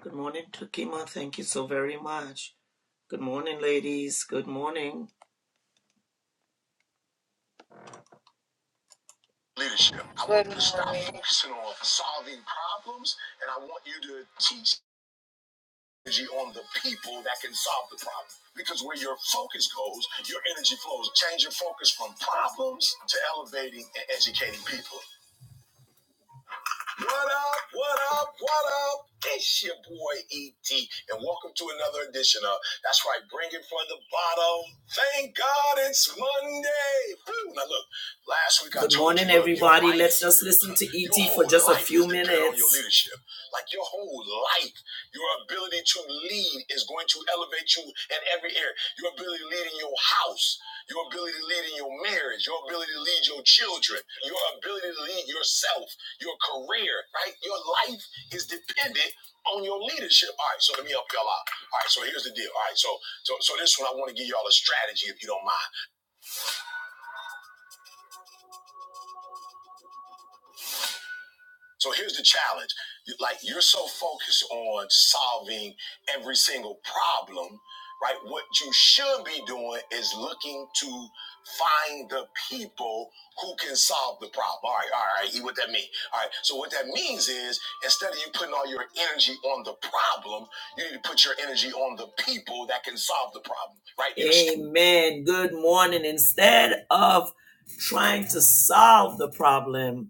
Good morning, Takima. Thank you so very much. Good morning, ladies. Good morning. Leadership. I want Good you to stop morning. focusing on solving problems, and I want you to teach energy on the people that can solve the problem. Because where your focus goes, your energy flows. Change your focus from problems to elevating and educating people. What up? What up? What up? It's your boy ET, and welcome to another edition of That's Right, Bring It From the Bottom. Thank God it's Monday. Now look, last week I Good morning, everybody. Let's just listen to ET for just a few minutes. Your leadership, like your whole life, your ability to lead is going to elevate you in every area. Your ability to lead in your house, your ability to lead in your marriage, your ability to lead your children, your ability to lead yourself your career, right? Your life is dependent on your leadership. All right, so let me help y'all out. All right, so here's the deal. All right, so so so this one I want to give y'all a strategy if you don't mind. So here's the challenge. You- Like you're so focused on solving every single problem, right? What you should be doing is looking to find the people who can solve the problem. All right, all right, E, what that mean? All right. So what that means is instead of you putting all your energy on the problem, you need to put your energy on the people that can solve the problem, right? You're Amen. Good morning. Instead of trying to solve the problem,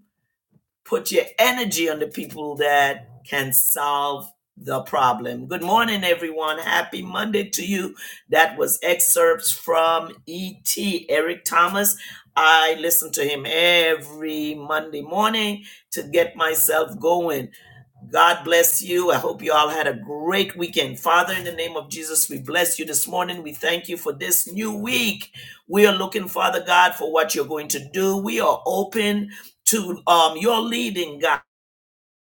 Put your energy on the people that can solve the problem. Good morning, everyone. Happy Monday to you. That was excerpts from E.T. Eric Thomas. I listen to him every Monday morning to get myself going. God bless you. I hope you all had a great weekend. Father, in the name of Jesus, we bless you this morning. We thank you for this new week. We are looking, Father God, for what you're going to do. We are open to um, your leading, God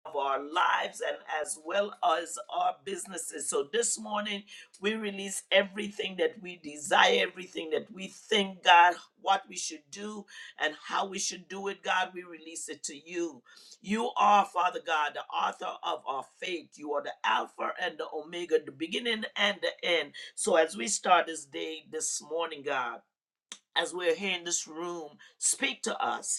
of our lives and as well as our businesses. So this morning, we release everything that we desire, everything that we think, God, what we should do and how we should do it, God, we release it to you. You are, Father God, the author of our faith. You are the Alpha and the Omega, the beginning and the end. So as we start this day this morning, God, as we're here in this room, speak to us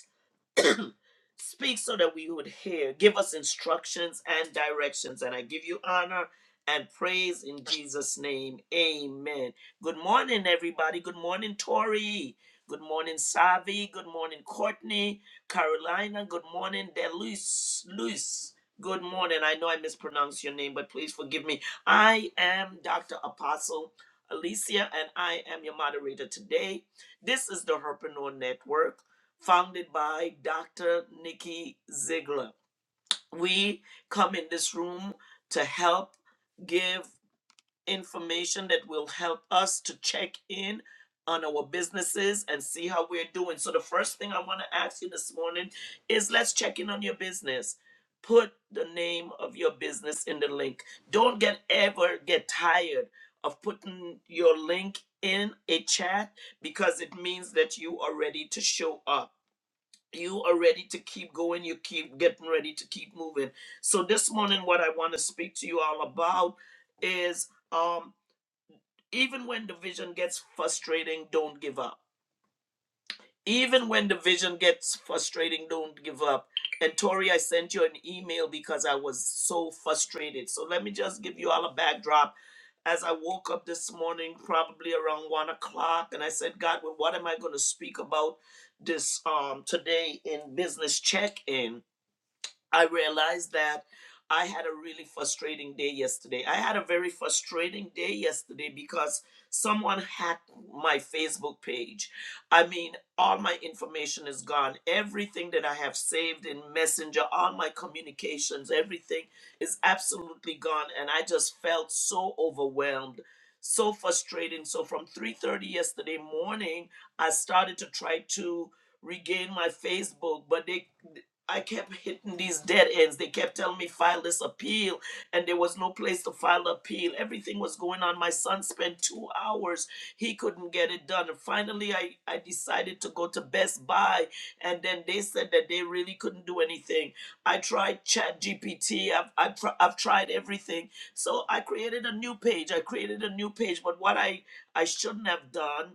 Speak so that we would hear. Give us instructions and directions. And I give you honor and praise in Jesus' name. Amen. Good morning, everybody. Good morning, Tori. Good morning, Savi. Good morning, Courtney. Carolina. Good morning, Deluz. Luis. Good morning. I know I mispronounced your name, but please forgive me. I am Dr. Apostle Alicia, and I am your moderator today. This is the Herpreneur Network founded by Dr. Nikki Ziegler. We come in this room to help give information that will help us to check in on our businesses and see how we're doing. So, the first thing I want to ask you this morning is let's check in on your business. Put the name of your business in the link. Don't get ever get tired of putting your link in a chat because it means that you are ready to show up you are ready to keep going you keep getting ready to keep moving so this morning what i want to speak to you all about is um even when the vision gets frustrating don't give up even when the vision gets frustrating don't give up and tori i sent you an email because i was so frustrated so let me just give you all a backdrop as i woke up this morning probably around one o'clock and i said god well, what am i going to speak about this um today in business check-in I realized that I had a really frustrating day yesterday. I had a very frustrating day yesterday because someone hacked my Facebook page. I mean, all my information is gone. Everything that I have saved in Messenger, all my communications, everything is absolutely gone and I just felt so overwhelmed. So frustrating. So from 3:30 yesterday morning, I started to try to regain my Facebook, but they I kept hitting these dead ends. They kept telling me file this appeal, and there was no place to file the appeal. Everything was going on. My son spent two hours. He couldn't get it done. And finally, I, I decided to go to Best Buy, and then they said that they really couldn't do anything. I tried Chat GPT. I've, I've, tr- I've tried everything. So I created a new page. I created a new page. But what I, I shouldn't have done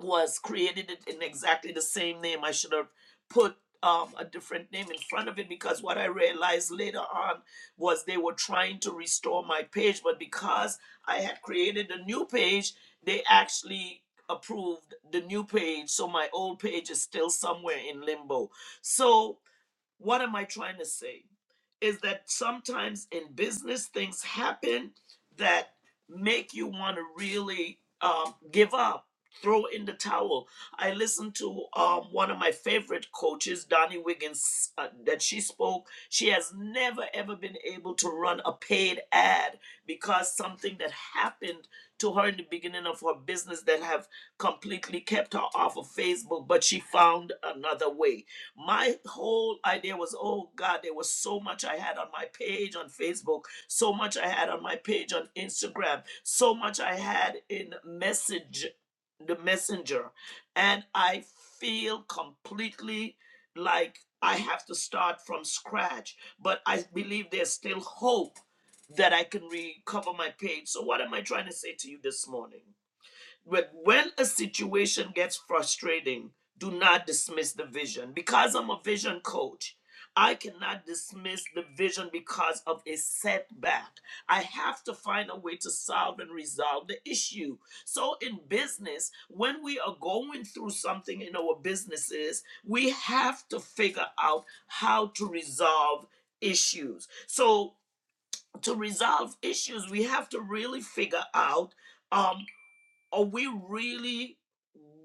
was created it in exactly the same name. I should have put um, a different name in front of it because what I realized later on was they were trying to restore my page, but because I had created a new page, they actually approved the new page. So my old page is still somewhere in limbo. So what am I trying to say? Is that sometimes in business things happen that make you want to really um, give up, throw in the towel. I listened to um, one of my favorite coaches, Donnie Wiggins, uh, that she spoke. She has never ever been able to run a paid ad because something that happened to her in the beginning of her business that have completely kept her off of Facebook, but she found another way my whole idea was, oh God, there was so much I had on my page on Facebook, so much I had on my page on Instagram, so much I had in message, the messenger, and I feel completely like I have to start from scratch. But I believe there's still hope that I can recover my page. So what am I trying to say to you this morning? But when a situation gets frustrating, do not dismiss the vision. Because I'm a vision coach, I cannot dismiss the vision because of a setback. I have to find a way to solve and resolve the issue. So, in business, when we are going through something in our businesses, we have to figure out how to resolve issues. So, to resolve issues, we have to really figure out. um are we really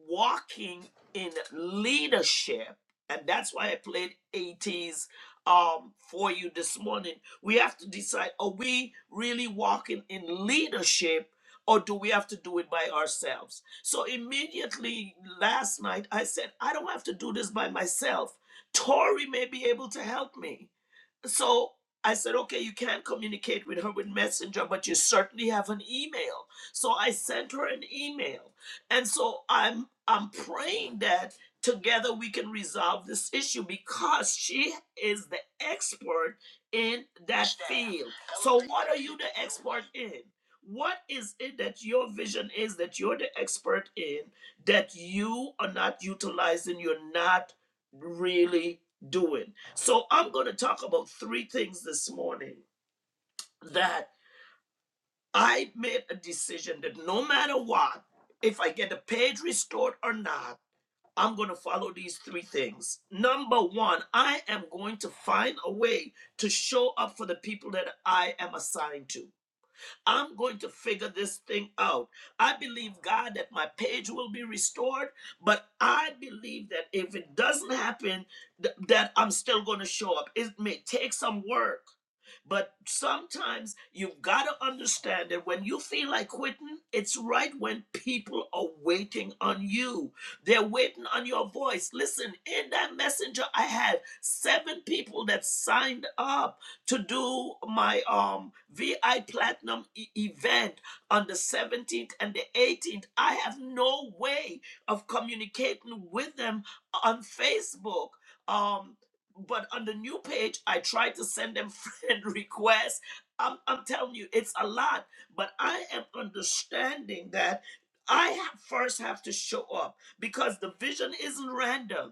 walking in leadership? And that's why I played 80s um, for you this morning. We have to decide are we really walking in leadership or do we have to do it by ourselves? So immediately last night, I said, I don't have to do this by myself. Tori may be able to help me so I said, okay, you can't communicate with her with Messenger, but you certainly have an email. So I sent her an email. And so I'm I'm praying that together we can resolve this issue because she is the expert in that field. So what are you the expert in? What is it that your vision is that you're the expert in that you are not utilizing, you're not really doing? So I'm going to talk about three things this morning that I made a decision that no matter what, if I get the page restored or not, I'm going to follow these three things. Number one, I am going to find a way to show up for the people that I am assigned to. I'm going to figure this thing out. I believe, God, that my page will be restored, but I believe that if it doesn't happen, th- that I'm still going to show up. It may take some work, but sometimes you've got to understand that when you feel like quitting, it's right when people are waiting on you. They're waiting on your voice. Listen, in that messenger, I had seven people that signed up to do my um VI Platinum e- event on the 17th and the 18th. I have no way of communicating with them on Facebook. Um, but on the new page, I try to send them friend requests. I'm, I'm telling you, it's a lot, but I am understanding that I ha- first have to show up because the vision isn't random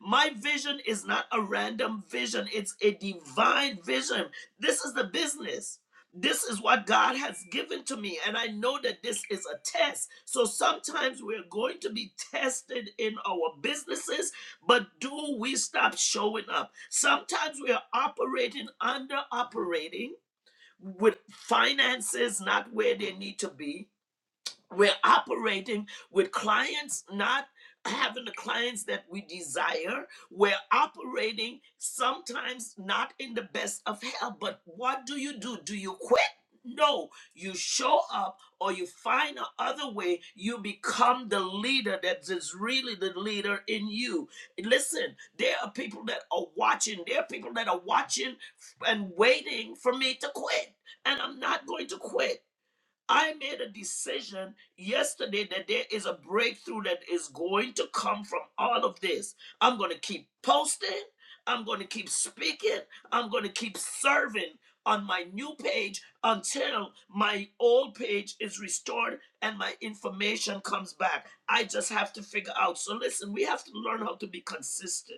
my vision is not a random vision, it's a divine vision. This is the business. This is what God has given to me, and I know that this is a test. So sometimes we're going to be tested in our businesses, but do we stop showing up? Sometimes we are operating under operating with finances not where they need to be, we're operating with clients not having the clients that we desire we're operating sometimes not in the best of health but what do you do do you quit no you show up or you find another way you become the leader that is really the leader in you listen there are people that are watching there are people that are watching and waiting for me to quit and i'm not going to quit I made a decision yesterday that there is a breakthrough that is going to come from all of this. I'm going to keep posting. I'm going to keep speaking. I'm going to keep serving on my new page until my old page is restored and my information comes back. I just have to figure out. So, listen, we have to learn how to be consistent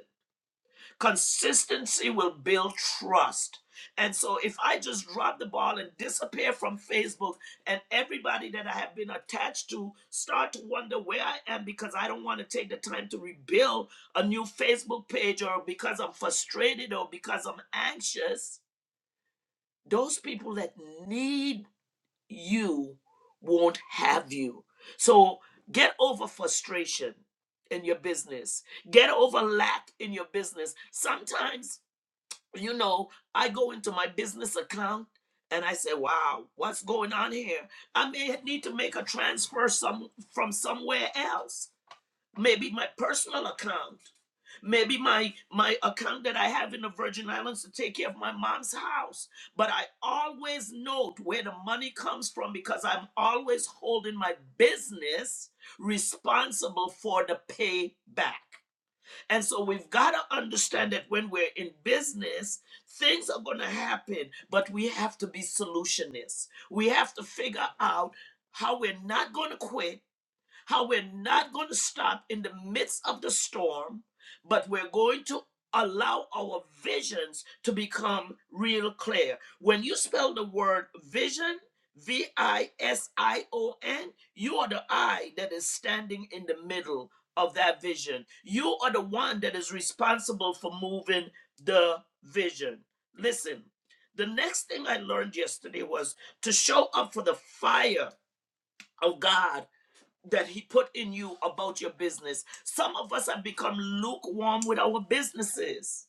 Consistency will build trust. And so if I just drop the ball and disappear from Facebook and everybody that I have been attached to start to wonder where I am because I don't want to take the time to rebuild a new Facebook page or because I'm frustrated or because I'm anxious, those people that need you won't have you. So get over frustration in your business. Get over lack in your business. Sometimes you know, I go into my business account and I say, wow, what's going on here? I may need to make a transfer some from somewhere else. Maybe my personal account, maybe my my account that I have in the Virgin Islands to take care of my mom's house. But I always note where the money comes from because I'm always holding my business responsible for the payback. And so we've got to understand that when we're in business, things are going to happen, but we have to be solutionists. We have to figure out how we're not going to quit how we're not going to stop in the midst of the storm, but we're going to allow our visions to become real clear. When you spell the word vision, V I S I O N, you are the I that is standing in the middle of that vision. You are the one that is responsible for moving the vision. Listen, the next thing I learned yesterday was to show up for the fire of God that he put in you about your business. Some of us have become lukewarm with our businesses.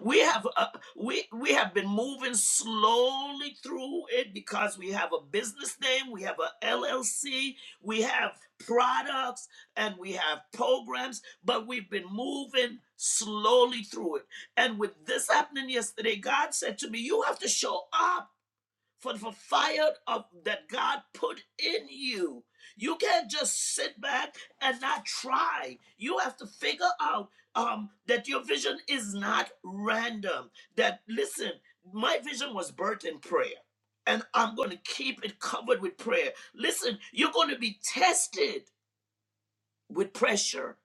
We have uh, we we have been moving slowly through it because we have a business name, we have a LLC, we have products and we have programs, but we've been moving slowly through it. And with this happening yesterday, God said to me, you have to show up for the fire of that God put in you. You can't just sit back and not try. You have to figure out um, that your vision is not random. That listen, my vision was birthed in prayer, and I'm going to keep it covered with prayer. Listen, you're going to be tested with pressure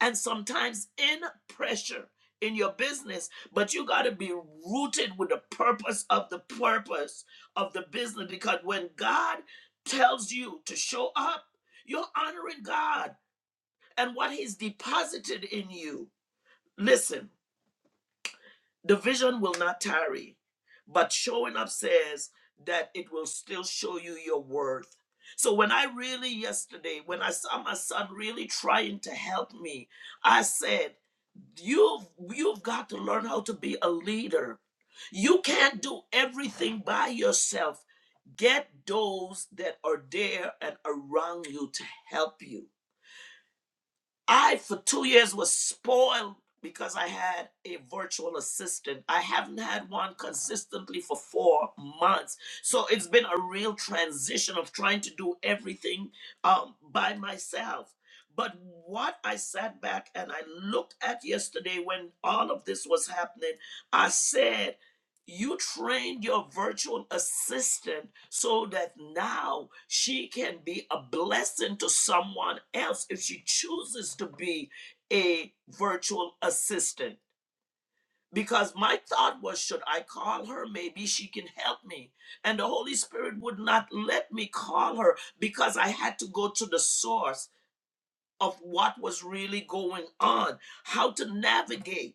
and sometimes in pressure in your business but you got to be rooted with the purpose of the purpose of the business because when god tells you to show up you're honoring god and what he's deposited in you listen the vision will not tarry, but showing up says that it will still show you your worth. So when I really yesterday, when I saw my son really trying to help me, I said, You've you've got to learn how to be a leader. You can't do everything by yourself. Get those that are there and around you to help you. I, for two years, was spoiled because I had a virtual assistant. I haven't had one consistently for four months. So it's been a real transition of trying to do everything um, by myself. But what I sat back and I looked at yesterday when all of this was happening, I said, you trained your virtual assistant so that now she can be a blessing to someone else if she chooses to be a virtual assistant. Because my thought was, should I call her? Maybe she can help me. And the Holy Spirit would not let me call her because I had to go to the source of what was really going on, how to navigate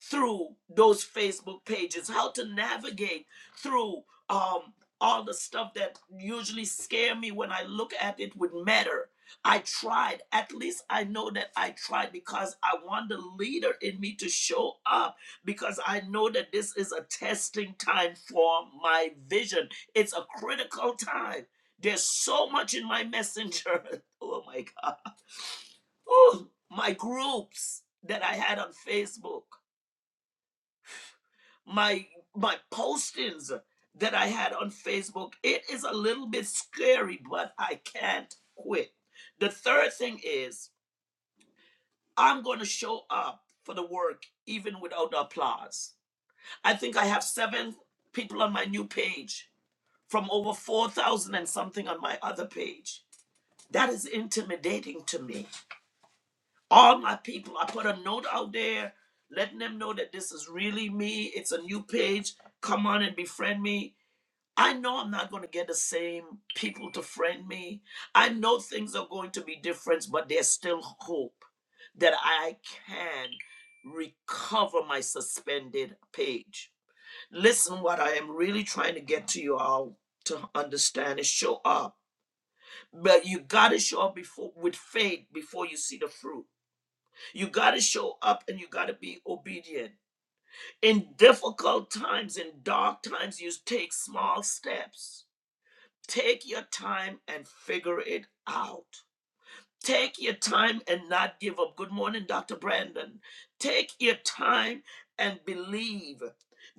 through those Facebook pages, how to navigate through um, all the stuff that usually scare me when I look at it with Matter. I tried. At least I know that I tried because I want the leader in me to show up because I know that this is a testing time for my vision. It's a critical time. There's so much in my messenger. oh my God. Oh, my groups that I had on Facebook my my postings that I had on Facebook. It is a little bit scary, but I can't quit. The third thing is I'm going to show up for the work even without the applause. I think I have 7 people on my new page from over 4,000 and something on my other page. That is intimidating to me. All my people, I put a note out there letting them know that this is really me. It's a new page. Come on and befriend me I know I'm not going to get the same people to friend me. I know things are going to be different, but there's still hope that I can recover my suspended page. Listen, what I am really trying to get to you all to understand is show up. But you got to show up before with faith before you see the fruit. You got to show up and you got to be obedient. In difficult times, in dark times, you take small steps Take your time and figure it out. Take your time and not give up. Good morning, Dr. Brandon. Take your time and believe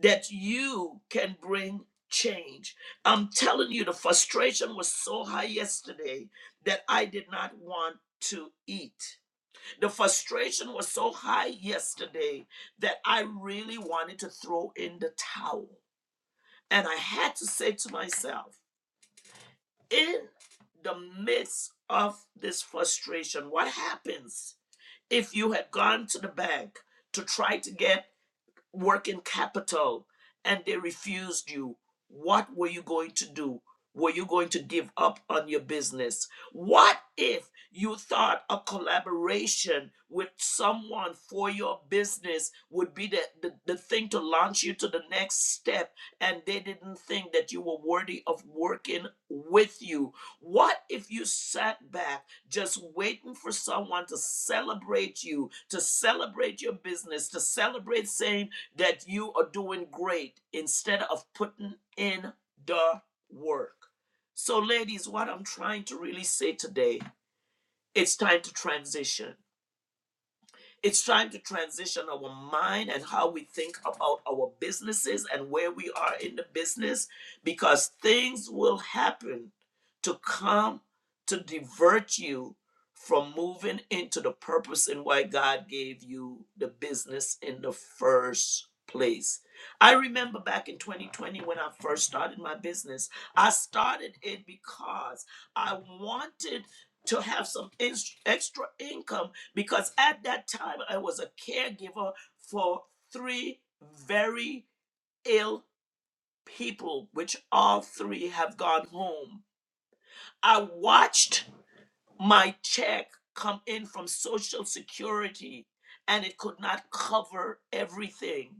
that you can bring change. I'm telling you, the frustration was so high yesterday that I did not want to eat. The frustration was so high yesterday that I really wanted to throw in the towel. And I had to say to myself, in the midst of this frustration, what happens if you had gone to the bank to try to get working capital and they refused you, what were you going to do? Were you going to give up on your business? What if you thought a collaboration with someone for your business would be the, the, the thing to launch you to the next step and they didn't think that you were worthy of working with you? What if you sat back just waiting for someone to celebrate you, to celebrate your business, to celebrate saying, that you are doing great instead of putting in the work. So, ladies, what I'm trying to really say today, it's time to transition. It's trying to transition our mind and how we think about our businesses and where we are in the business because things will happen to come to divert you from moving into the purpose and why God gave you the business in the first place. I remember back in 2020 when I first started my business, I started it because I wanted to have some ins- extra income because at that time I was a caregiver for three very ill people, which all three have gone home. I watched my check come in from social security and it could not cover everything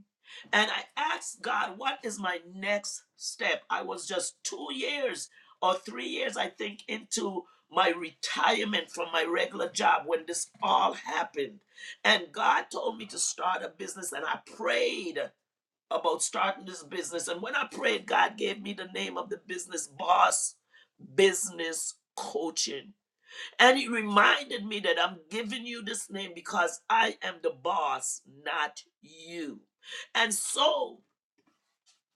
and i asked god what is my next step i was just 2 years or 3 years i think into my retirement from my regular job when this all happened and god told me to start a business and i prayed about starting this business and when i prayed god gave me the name of the business boss business coaching and he reminded me that I'm giving you this name because I am the boss, not you. And so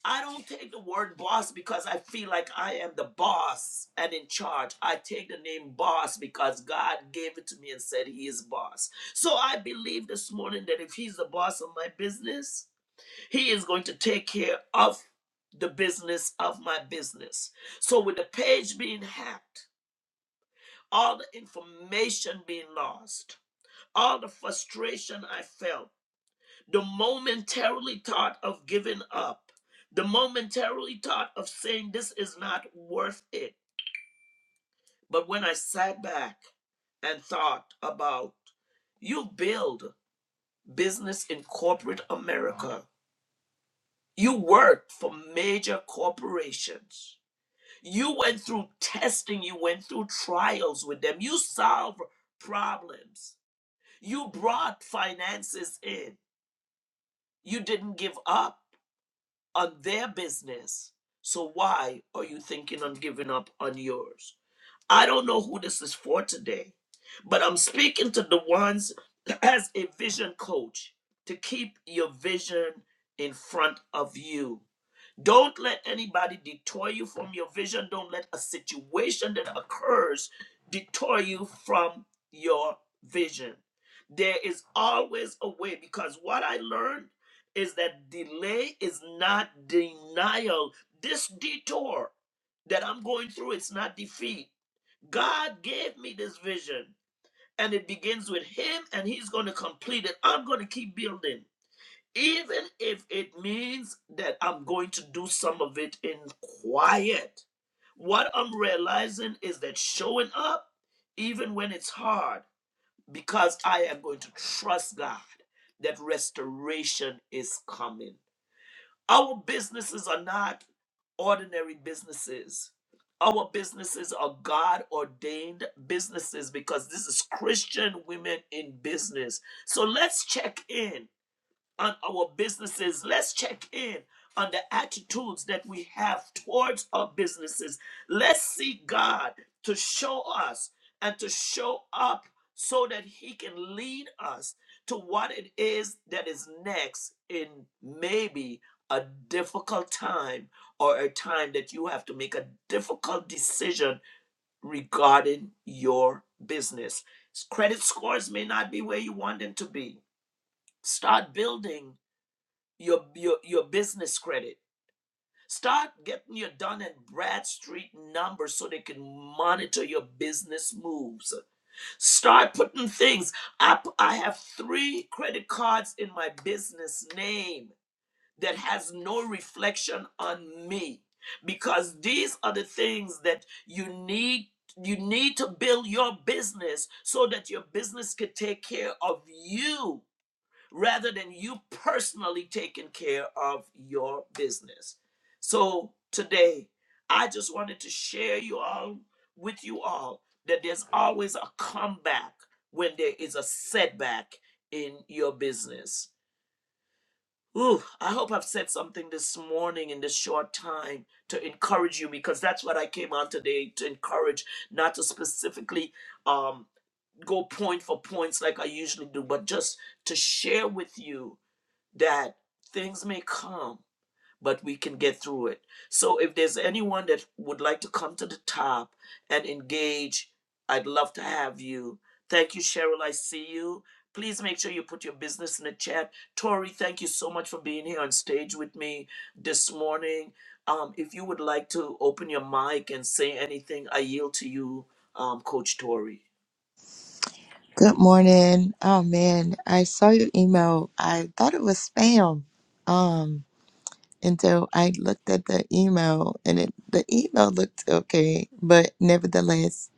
I don't take the word boss because I feel like I am the boss and in charge. I take the name boss because God gave it to me and said he is boss. So I believe this morning that if he's the boss of my business, he is going to take care of the business of my business. So with the page being hacked, all the information being lost, all the frustration I felt, the momentarily thought of giving up, the momentarily thought of saying this is not worth it. But when I sat back and thought about you build business in corporate America, you worked for major corporations. You went through testing, you went through trials with them, you solved problems, you brought finances in, you didn't give up on their business. So why are you thinking on giving up on yours? I don't know who this is for today, but I'm speaking to the ones as a vision coach to keep your vision in front of you don't let anybody detour you from your vision. Don't let a situation that occurs detour you from your vision. There is always a way because what I learned is that delay is not denial. This detour that I'm going through, it's not defeat. God gave me this vision and it begins with Him and He's going to complete it. I'm going to keep building even if it means that I'm going to do some of it in quiet. What I'm realizing is that showing up, even when it's hard, because I am going to trust God that restoration is coming. Our businesses are not ordinary businesses. Our businesses are God ordained businesses because this is Christian women in business. So let's check in on our businesses. Let's check in on the attitudes that we have towards our businesses. Let's see God to show us and to show up so that He can lead us to what it is that is next in maybe a difficult time or a time that you have to make a difficult decision regarding your business. Credit scores may not be where you want them to be. Start building your your your business credit. Start getting your Dun and Bradstreet numbers so they can monitor your business moves. Start putting things. up. I have three credit cards in my business name that has no reflection on me because these are the things that you need you need to build your business so that your business could take care of you rather than you personally taking care of your business. So today, I just wanted to share you all with you all that there's always a comeback when there is a setback in your business. Ooh, I hope I've said something this morning in this short time to encourage you because that's what I came on today to encourage, not to specifically um, go point for points like I usually do, but just to share with you that things may come, but we can get through it. So if there's anyone that would like to come to the top and engage, I'd love to have you. Thank you, Cheryl. I see you. Please make sure you put your business in the chat. Tori, thank you so much for being here on stage with me this morning. Um, if you would like to open your mic and say anything, I yield to you, um, Coach Tori. Good morning. Oh man, I saw your email. I thought it was spam. Um, and so I looked at the email and it the email looked okay, but nevertheless,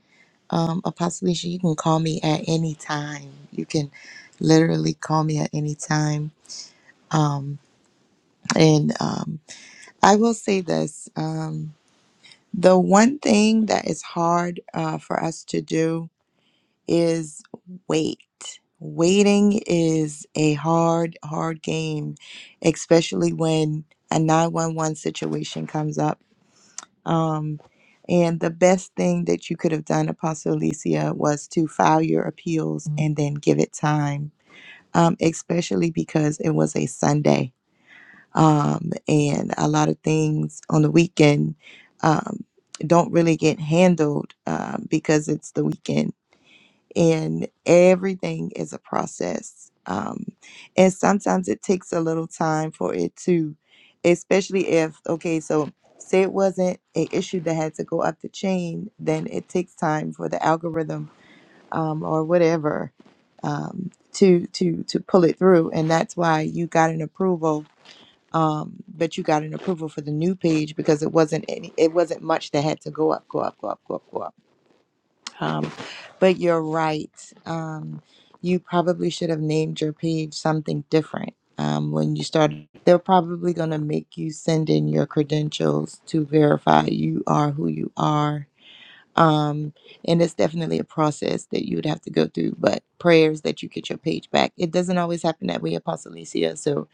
um Apostle Alicia, you can call me at any time. You can literally call me at any time. Um and um I will say this, um the one thing that is hard uh, for us to do is wait. Waiting is a hard, hard game, especially when a 911 situation comes up. Um, and the best thing that you could have done, Apostle Alicia, was to file your appeals Mhm. and then give it time, um, especially because it was a Sunday. Um, and a lot of things on the weekend um, don't really get handled um, because it's the weekend and everything is a process um, and sometimes it takes a little time for it to especially if okay so say it wasn't an issue that had to go up the chain then it takes time for the algorithm um, or whatever um, to to to pull it through and that's why you got an approval um, but you got an approval for the new page because it wasn't any, it wasn't much that had to go up go up go up go up go up um, but you're right. Um, you probably should have named your page something different. Um, when you start, they're probably going to make you send in your credentials to verify you are who you are. Um, and it's definitely a process that you would have to go through, but prayers that you get your page back. It doesn't always happen that way, Apostle Alicia. So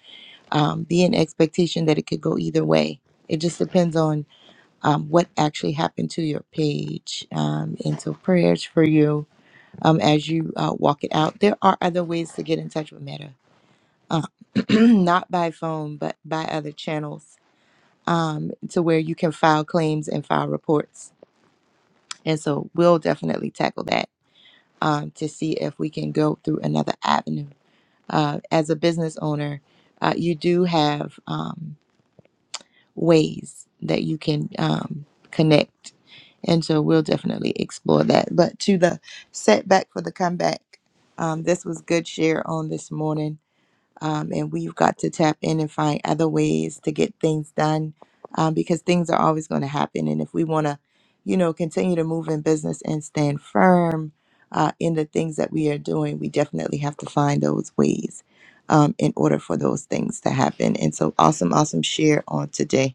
um, be in expectation that it could go either way. It just depends on um, what actually happened to your page. Um, and so prayers for you um, as you uh, walk it out. There are other ways to get in touch with Meta, uh, not by phone, but by other channels um, to where you can file claims and file reports. And so we'll definitely tackle that um, to see if we can go through another avenue. Uh, as a business owner, uh, you do have. Um, ways that you can um, connect. And so we'll definitely explore that. But to the setback for the comeback, um, this was good share on this morning. Um, and we've got to tap in and find other ways to get things done um, because things are always going to happen. And if we want to, you know, continue to move in business and stand firm uh, in the things that we are doing, we definitely have to find those ways um, in order for those things to happen. And so awesome, awesome share on today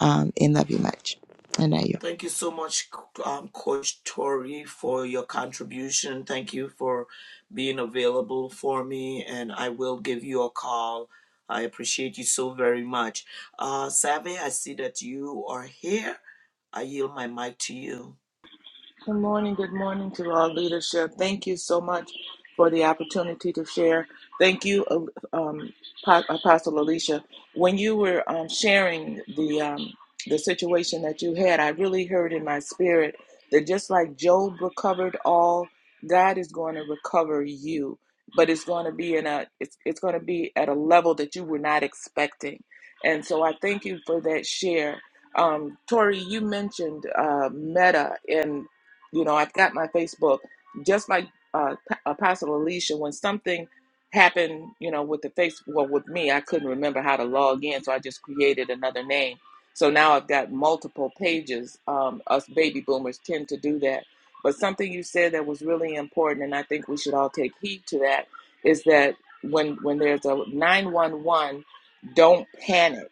um, and love you much. And I you. Thank you so much, um, Coach Tori, for your contribution. Thank you for being available for me, and I will give you a call. I appreciate you so very much. Uh, Save, I see that you are here. I yield my mic to you. Good morning. Good morning to our leadership. Thank you so much for the opportunity to share. Thank you, uh, um, Pa- uh, Apostle Alicia. When you were um, sharing the um, the situation that you had, I really heard in my spirit that just like Job recovered all, God is going to recover you, but it's going to be in a it's it's going to be at a level that you were not expecting. And so I thank you for that share um, Tori, you mentioned uh, Meta, and you know, I've got my Facebook just like uh, Pa- Apostle Alicia. When something happened, you know, with the face, well, with me, I couldn't remember how to log in, so I just created another name. So now I've got multiple pages. Um, us baby boomers tend to do that. But something you said that was really important, and I think we should all take heed to that, is that when when there's a nine one one, don't panic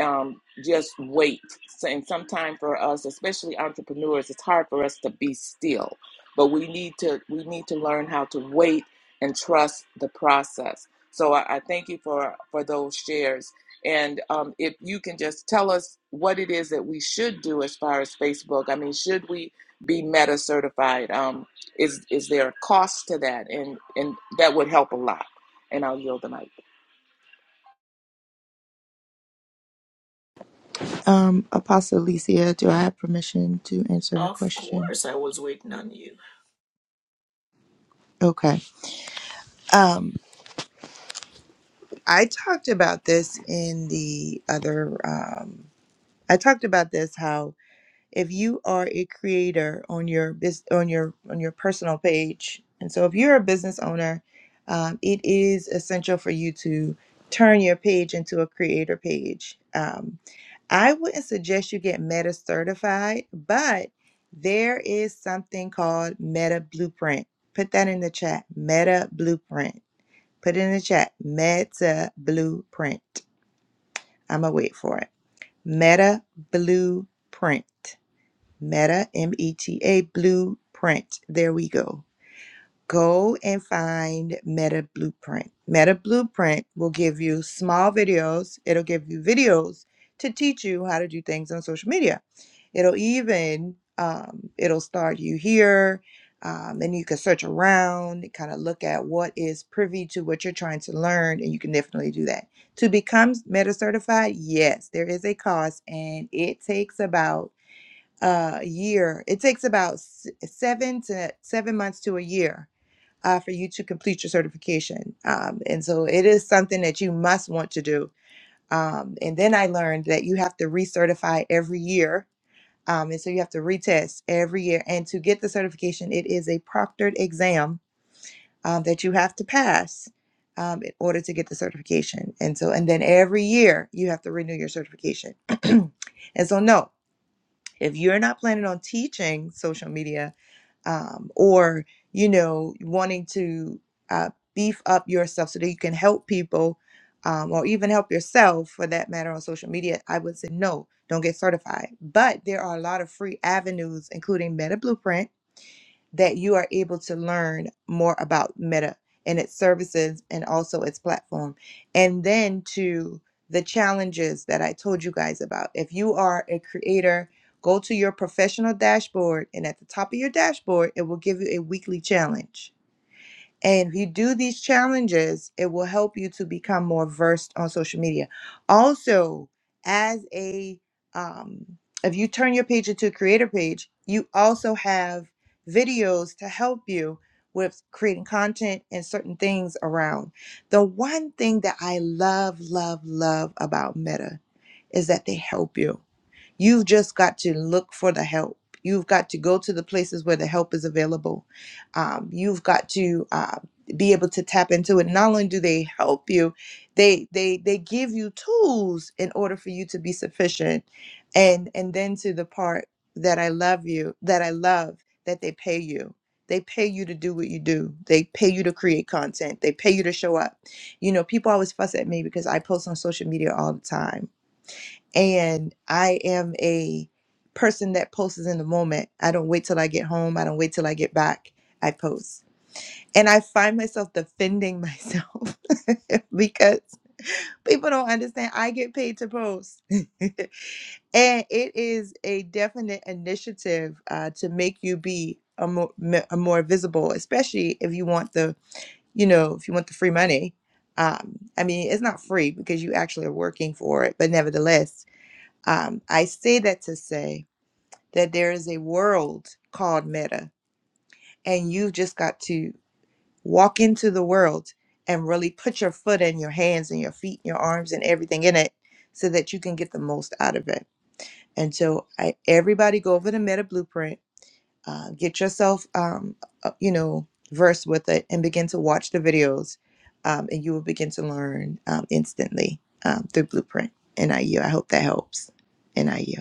um, just wait. So- And sometimes for us, especially entrepreneurs, it's hard for us to be still. But we need to we need to learn how to wait and trust the process. So I, I thank you for for those shares. And um, if you can just tell us what it is that we should do as far as Facebook. I mean, should we be Meta certified? Um, is is there a cost to that? And and that would help a lot. And I'll yield the mic. Um, Apostle Alicia, do I have permission to answer her Of question? course, I was waiting on you. Okay. Um, I talked about this in the other. Um, I talked about this how if you are a creator on your bus on your on your personal page and so if you're a business owner um, it is essential for you to turn your page into a creator page um, i wouldn't suggest you get meta certified but there is something called meta blueprint put that in the chat meta blueprint put it in the chat meta blueprint i'm gonna wait for it meta blueprint Meta, M E T A, Blueprint. There we go. Go and find Meta Blueprint. Meta Blueprint will give you small videos, it'll give you videos to teach you how to do things on social media. It'll even, um, it'll start you here. Um, and you can search around and kind of look at what is privy to what you're trying to learn, and you can definitely do that. To become Meta certified, yes, there is a cost, and it takes about uh, a year. It takes about s- seven to seven months to a year uh, for you to complete your certification. Um, and so it is something that you must want to do. Um, and then I learned that you have to recertify every year. Um, and so you have to retest every year. And to get the certification, it is a proctored exam um, that you have to pass. Um, in order to get the certification. And so, and then every year you have to renew your certification. and so, no, if you're not planning on teaching social media um, or you know wanting to uh, beef up yourself so that you can help people um, or even help yourself for that matter on social media i would say no don't get certified but there are a lot of free avenues including meta blueprint that you are able to learn more about Meta and its services and also its platform. And then to the challenges that I told you guys about. If you are a creator, go to your professional dashboard, and at the top of your dashboard, it will give you a weekly challenge and if you do these challenges, it will help you to become more versed on social media. Also, as a um, if you turn your page into a creator page, you also have videos to help you with creating content and certain things around. The one thing that I love, love, love about Meta is that they help you You've just got to look for the help. You've got to go to the places where the help is available. Um, you've got to uh, be able to tap into it. Not only do they help you, they they they give you tools in order for you to be sufficient. And and then to the part that I love you, that I love that they pay you. They pay you to do what you do. They pay you to create content. They pay you to show up. You know, people always fuss at me because I post on social media all the time and I am a person that posts in the moment. I don't wait till I get home. I don't wait till I get back. I post. And I find myself defending myself because people don't understand I get paid to post. and it is a definite initiative uh, to make you be a more, a more visible, especially if you want the, you know, if you want the free money. Um, I mean, it's not free because you actually are working for it, but nevertheless, um, I say that to say that there is a world called meta, and you've just got to walk into the world and really put your foot and your hands and your feet and your arms and everything in it so that you can get the most out of it. And so, I, everybody go over the meta blueprint, uh, get yourself, um, uh, you know, versed with it, and begin to watch the videos, um, and you will begin to learn um, instantly um, through blueprint. NIU. I U. I hope that helps. NIU.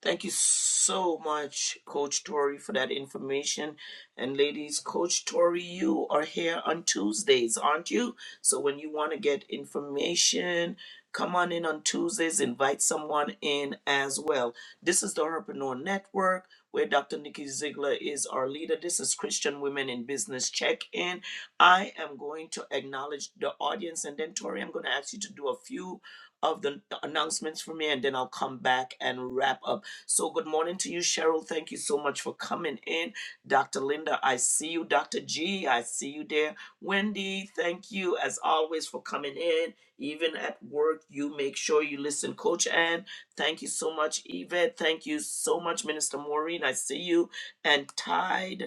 Thank you so much, Coach Tori, for that information. And ladies, Coach Tori, you are here on Tuesdays, aren't you? So when you want to get information, come on in on Tuesdays, invite someone in as well. This is the Herpreneur Network, where Dr. Nikki Ziegler is our leader. This is Christian Women in Business Check In. I am going to acknowledge the audience, and then, Tori, I'm going to ask you to do a few of the announcements for me, and then I'll come back and wrap up so, good morning to you, Cheryl. Thank you so much for coming in. Dr. Linda, I see you. Dr. G, I see you there. Wendy, thank you as always for coming in. Even at work, you make sure you listen. Coach Ann, thank you so much. Yvette, thank you so much. Minister Maureen, I see you. And Tide,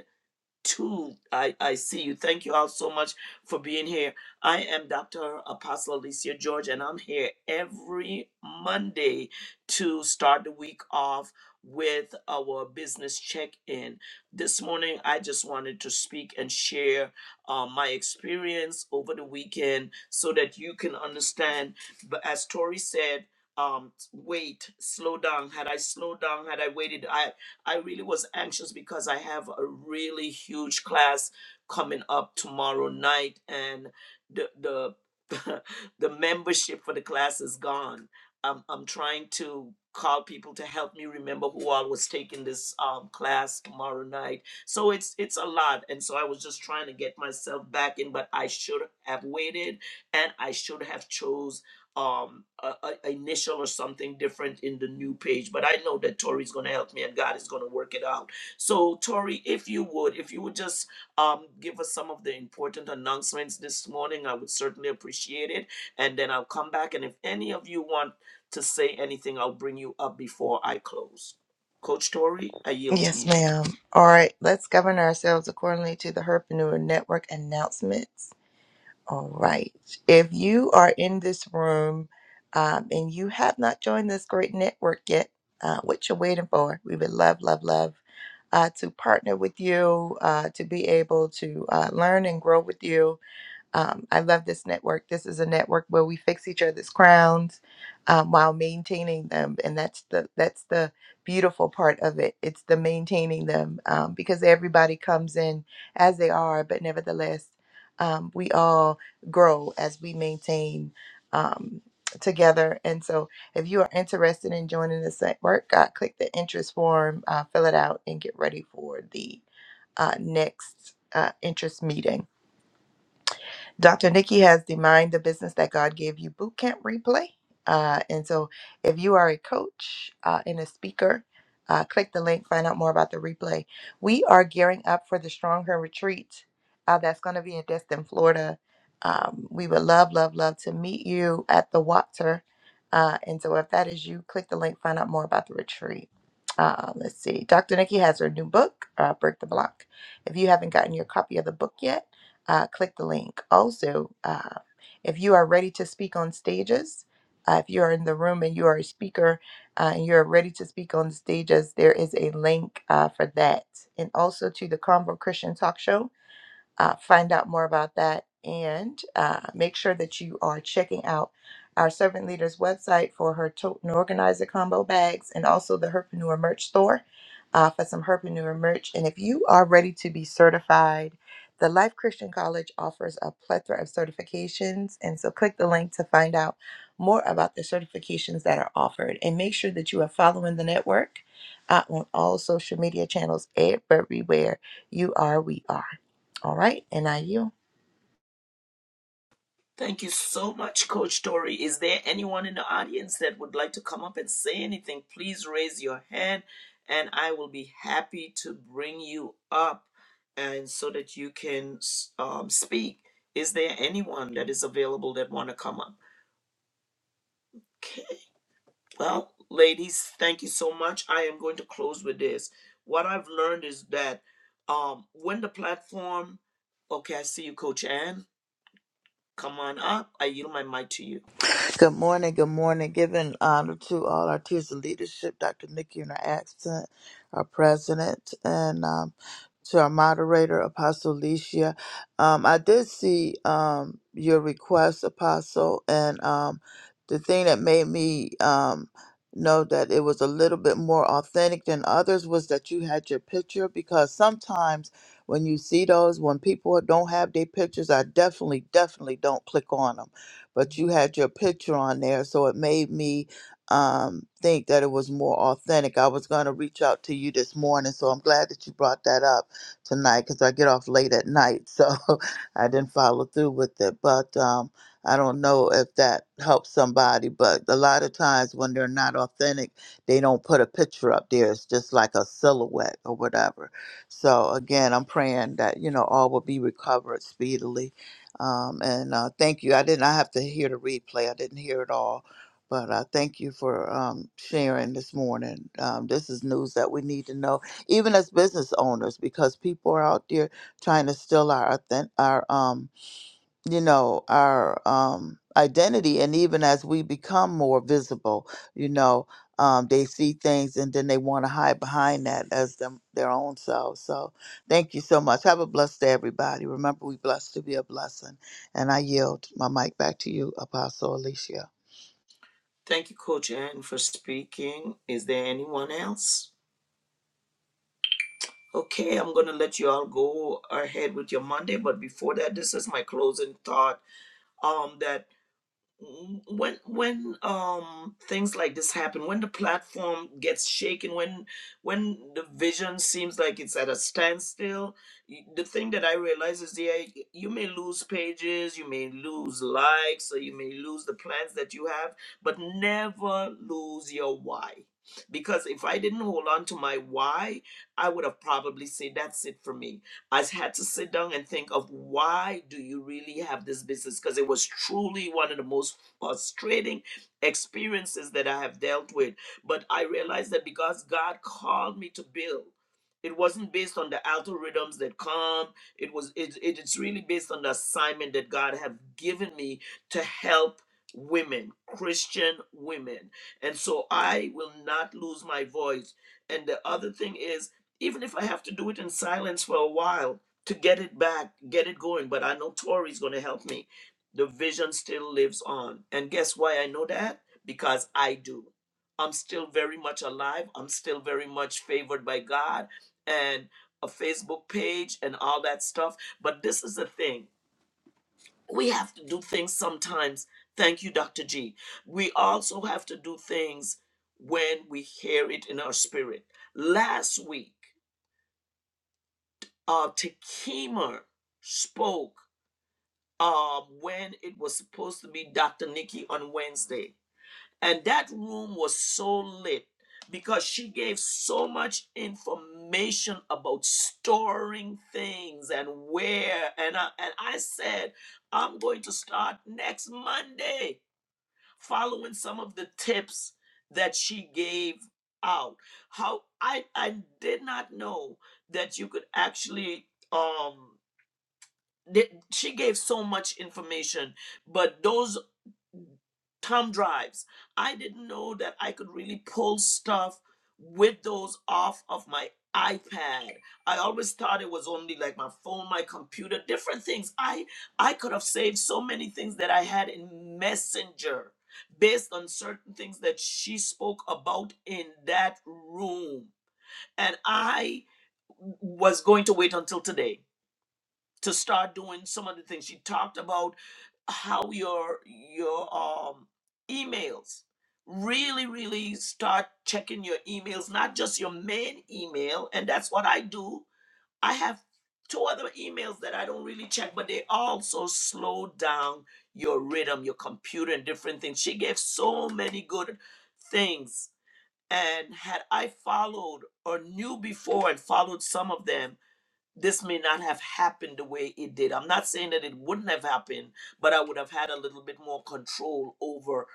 two. I, I see you. Thank you all so much for being here. I am Dr. Apostle Alicia George, and I'm here every Monday to start the week off with our business check in. This morning, I just wanted to speak and share uh, my experience over the weekend so that you can understand. But as Tori said, um, wait, slow down. Had I slowed down, had I waited, I. I really was anxious because I have a really huge class coming up tomorrow night, and the the the membership for the class is gone. I'm I'm trying to call people to help me remember who all was taking this um, class tomorrow night. So it's it's a lot, and so I was just trying to get myself back in. But I should have waited, and I should have chose um a, a initial or something different in the new page but i know that tori's going to help me and god is going to work it out so tori if you would if you would just um give us some of the important announcements this morning i would certainly appreciate it and then i'll come back and if any of you want to say anything i'll bring you up before i close coach tori i yield to Yes, you ma'am. All right, let's govern ourselves accordingly to the Herpreneur Network announcements. All right. If you are in this room um, and you have not joined this great network yet, uh, what you're waiting for, we would love, love, love uh, to partner with you, uh, to be able to uh, learn and grow with you um, I love this network. This is a network where we fix each other's crowns um, while maintaining them, and that's the that's the beautiful part of it. It's the maintaining them um, because everybody comes in as they are, but nevertheless, um, we all grow as we maintain um, together. And so, if you are interested in joining this network, uh, click the interest form, uh, fill it out, and get ready for the uh, next uh, interest meeting. Dr. Nikki has the Mind the Business That God Gave You Bootcamp replay. Uh, and so if you are a coach uh, and a speaker, uh, click the link, find out more about the replay. We are gearing up for the Stronger Retreat uh, that's going to be in Destin, Florida. Um, we would love, love, love to meet you at the Water. Uh, and so if that is you, click the link, find out more about the retreat. Uh, let's see. Dr. Nikki has her new book, uh, Break the Block. If you haven't gotten your copy of the book yet, uh, click the link. Also, uh, if you are ready to speak on stages, uh, if you are in the room and you are a speaker uh, and you're ready to speak on stages, there is a link uh, for that. And also to the Convo Christian Talk Show uh, find out more about that and uh, make sure that you are checking out our servant leader's website for her tote and organizer combo bags and also the herpreneur merch store uh, for some herpreneur merch and if you are ready to be certified the life christian college offers a plethora of certifications and so click the link to find out more about the certifications that are offered and make sure that you are following the network uh, on all social media channels everywhere you are we are all right, and I yield. Thank you so much, Coach Tori. Is there anyone in the audience that would like to come up and say anything? Please raise your hand and I will be happy to bring you up and so that you can um, speak. Is there anyone that is available that want to come up? Okay. Well, ladies, thank you so much. I am going to close with this. What I've learned is that um, when the platform, okay, I see you, Coach Ann. Come on up. I yield my mic to you. Good morning, good morning. Giving honor to all our tiers of leadership, Dr. Nikki in her accent, our president, and um, to our moderator, Apostle Alicia. Um, I did see um, your request, Apostle, and um, the thing that made me um, know that it was a little bit more authentic than others was that you had your picture because sometimes when you see those, when people don't have their pictures, I definitely, definitely don't click on them but you had your picture on there, so it made me um, think that it was more authentic. I was going to reach out to you this morning, so I'm glad that you brought that up tonight because I get off late at night, so I didn't follow through with it. But um, I don't know if that helps somebody, but a lot of times when they're not authentic, they don't put a picture up there. It's just like a silhouette or whatever. So again, I'm praying that you know all will be recovered speedily um, and uh, thank you. I did not have to hear the replay, I didn't hear it all. But uh, thank you for um, sharing this morning. Um, this is news that we need to know, even as business owners, because people are out there trying to steal our, authen- our um, you know our um identity and even as we become more visible you know um they see things and then they want to hide behind that as them their own selves so thank you so much have a blessed day everybody remember we blessed to be a blessing and i yield my mic back to you apostle alicia Thank you, Coach Ann, for speaking. Is there anyone else? Okay, I'm gonna let you all go ahead with your Monday, but before that, this is my closing thought. Um, that when when um things like this happen when the platform gets shaken when when the vision seems like it's at a standstill y- the thing that i realize is yeah y- you may lose pages you may lose likes or you may lose the plans that you have but never lose your why because if i didn't hold on to my why i would have probably said that's it for me I had to sit down and think of why do you really have this business? Because it was truly one of the most frustrating experiences that I have dealt with. But I realized that because God called me to build, it wasn't based on the algorithms that come. It was it, it- it's really based on the assignment that God have given me to help women, Christian women. And so I will not lose my voice. And the other thing is even if I have to do it in silence for a while to get it back, get it going. But I know Tori's going to help me. The vision still lives on. And guess why I know that? Because I do. I'm still very much alive. I'm still very much favored by God and a Facebook page and all that stuff. But this is the thing we have to do things sometimes. Thank you, Dr. G. We also have to do things when we hear it in our spirit. Last week, uh Takema spoke uh when it was supposed to be Dr. Nikki on Wednesday. And that room was so lit because she gave so much information about storing things and where and I, and I said I'm going to start next Monday following some of the tips that she gave out. How I I did not know that you could actually um Th- she gave so much information, but those thumb drives, I didn't know that I could really pull stuff with those off of my iPad. I always thought it was only like my phone, my computer, different things. I I could have saved so many things that I had in Messenger based on certain things that she spoke about in that room. And I was going to wait until today to start doing some of the things she talked about how your your um emails really really start checking your emails not just your main email and that's what i do i have two other emails that i don't really check but they also slow down your rhythm your computer and different things she gave so many good things and had i followed or knew before and followed some of them this may not have happened the way it did. I'm not saying that it wouldn't have happened, but I would have had a little bit more control over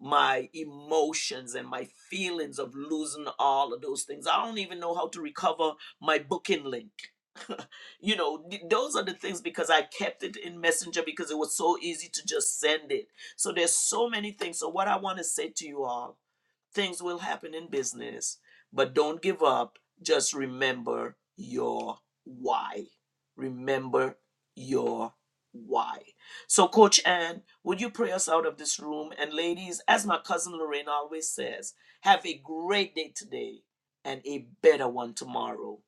my emotions and my feelings of losing all of those things. I don't even know how to recover my booking link. you know, th- those are the things because I kept it in Messenger because it was so easy to just send it. So there's so many things. So what I want to say to you all Things will happen in business, but don't give up. Just remember your why. Remember your why. So, Coach Ann, would you pray us out of this room? And, ladies, as my cousin Lorraine always says, have a great day today and a better one tomorrow.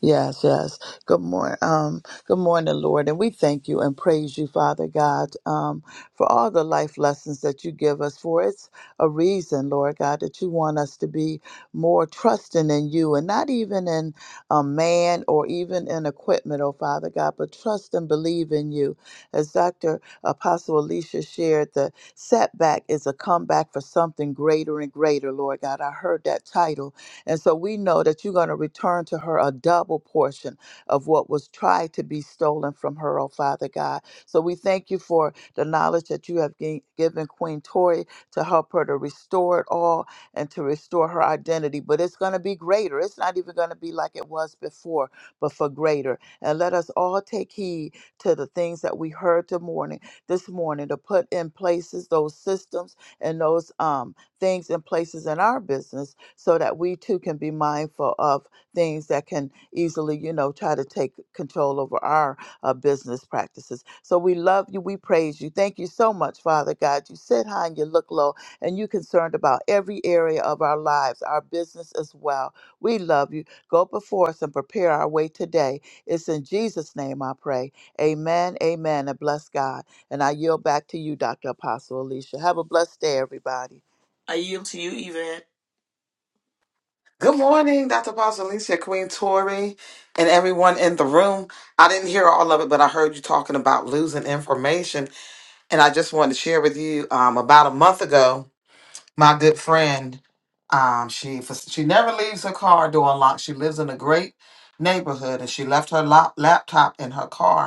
Yes, yes. Good morning. Um, good morning, Lord. And we thank you and praise you, Father God, um, for all the life lessons that you give us. For it's a reason, Lord God, that you want us to be more trusting in you and not even in a man or even in equipment, oh Father God, but trust and believe in you. As Dr. Apostle Alicia shared, the setback is a comeback for something greater and greater, Lord God. I heard that title and so we know that you're going to return to her a double portion of what was tried to be stolen from her, oh Father God. So we thank you for the knowledge that you have gi- given Queen Tori to help her to restore it all and to restore her identity. But it's going to be greater. It's not even going to be like it was before, but for greater. And let us all take heed to the things that we heard the morning, this morning to put in places those systems and those um, things in places in our business so that we too can be mindful of things that can easily, you know, try to take control over our uh, business practices. So we love you. We praise you. Thank you so much, Father God. You sit high and you look low, and you're concerned about every area of our lives, our business as well. We love you. Go before us and prepare our way today. It's in Jesus' name I pray. Amen, amen, and bless God. And I yield back to you, Dr. Apostle Alicia. Have a blessed day, everybody. I yield to you, Yvette. Good morning, Dr. Boss Alicia, Queen Tori, and everyone in the room. I didn't hear all of it, but I heard you talking about losing information. And I just wanted to share with you um, about a month ago, my good friend, um, she she never leaves her car door unlocked. She lives in a great neighborhood and she left her lap, laptop in her car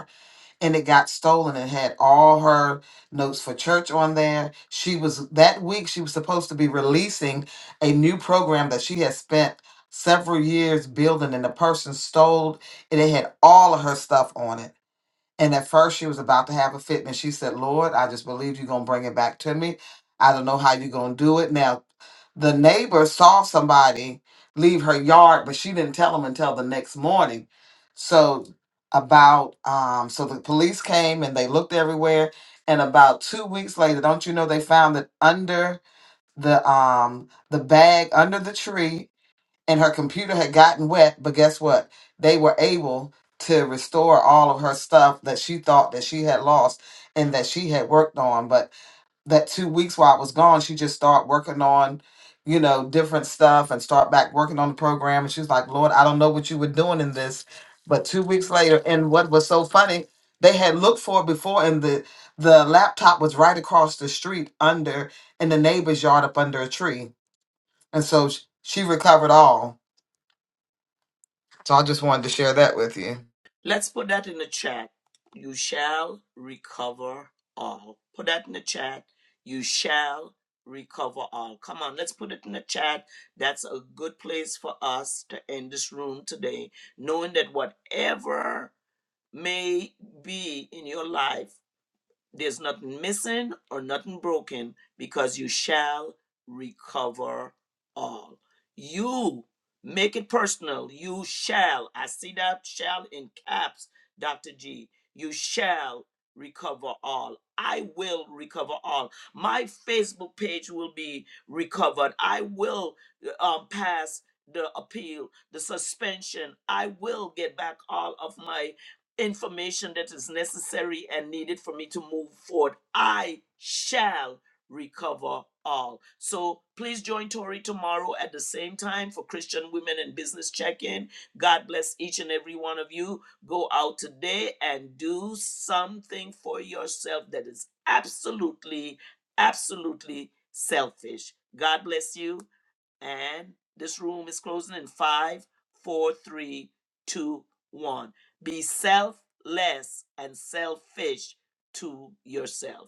and it got stolen and had all her notes for church on there. She was that week she was supposed to be releasing a new program that she had spent several years building and the person stole it. It had all of her stuff on it and at first, she was about to have a fit, and she said, Lord, I just believe you're going to bring it back to me. I don't know how you're going to do it. Now, the neighbor saw somebody leave her yard, but she didn't tell them until the next morning. So, about, um, so the police came and they looked everywhere. And about two weeks later, don't you know, they found it under the um the bag under the tree and her computer had gotten wet but guess what they were able to restore all of her stuff that she thought that she had lost and that she had worked on but that two weeks while i was gone she just started working on you know different stuff and start back working on the program and she was like lord i don't know what you were doing in this but two weeks later and what was so funny they had looked for it before and the the laptop was right across the street under in the neighbor's yard up under a tree and so sh- she recovered all so I just wanted to share that with you. Let's put that in the chat. You shall recover all. Put that in the chat. You shall recover all. Come on, let's put it in the chat. That's a good place for us to end this room today, knowing that whatever may be in your life, there's nothing missing or nothing broken because you shall recover all. You make it personal. You shall. I see that shall in caps, Dr. G. You shall recover all. I will recover all. My Facebook page will be recovered. I will um, pass the appeal, the suspension. I will get back all of my information that is necessary and needed for me to move forward. I shall recover all. So please join Tori tomorrow at the same time for Christian Women and Business Check In. God bless each and every one of you. Go out today and do something for yourself that is absolutely, absolutely selfish. God bless you. And this room is closing in five, four, three, two, one. Be selfless and selfish to yourself.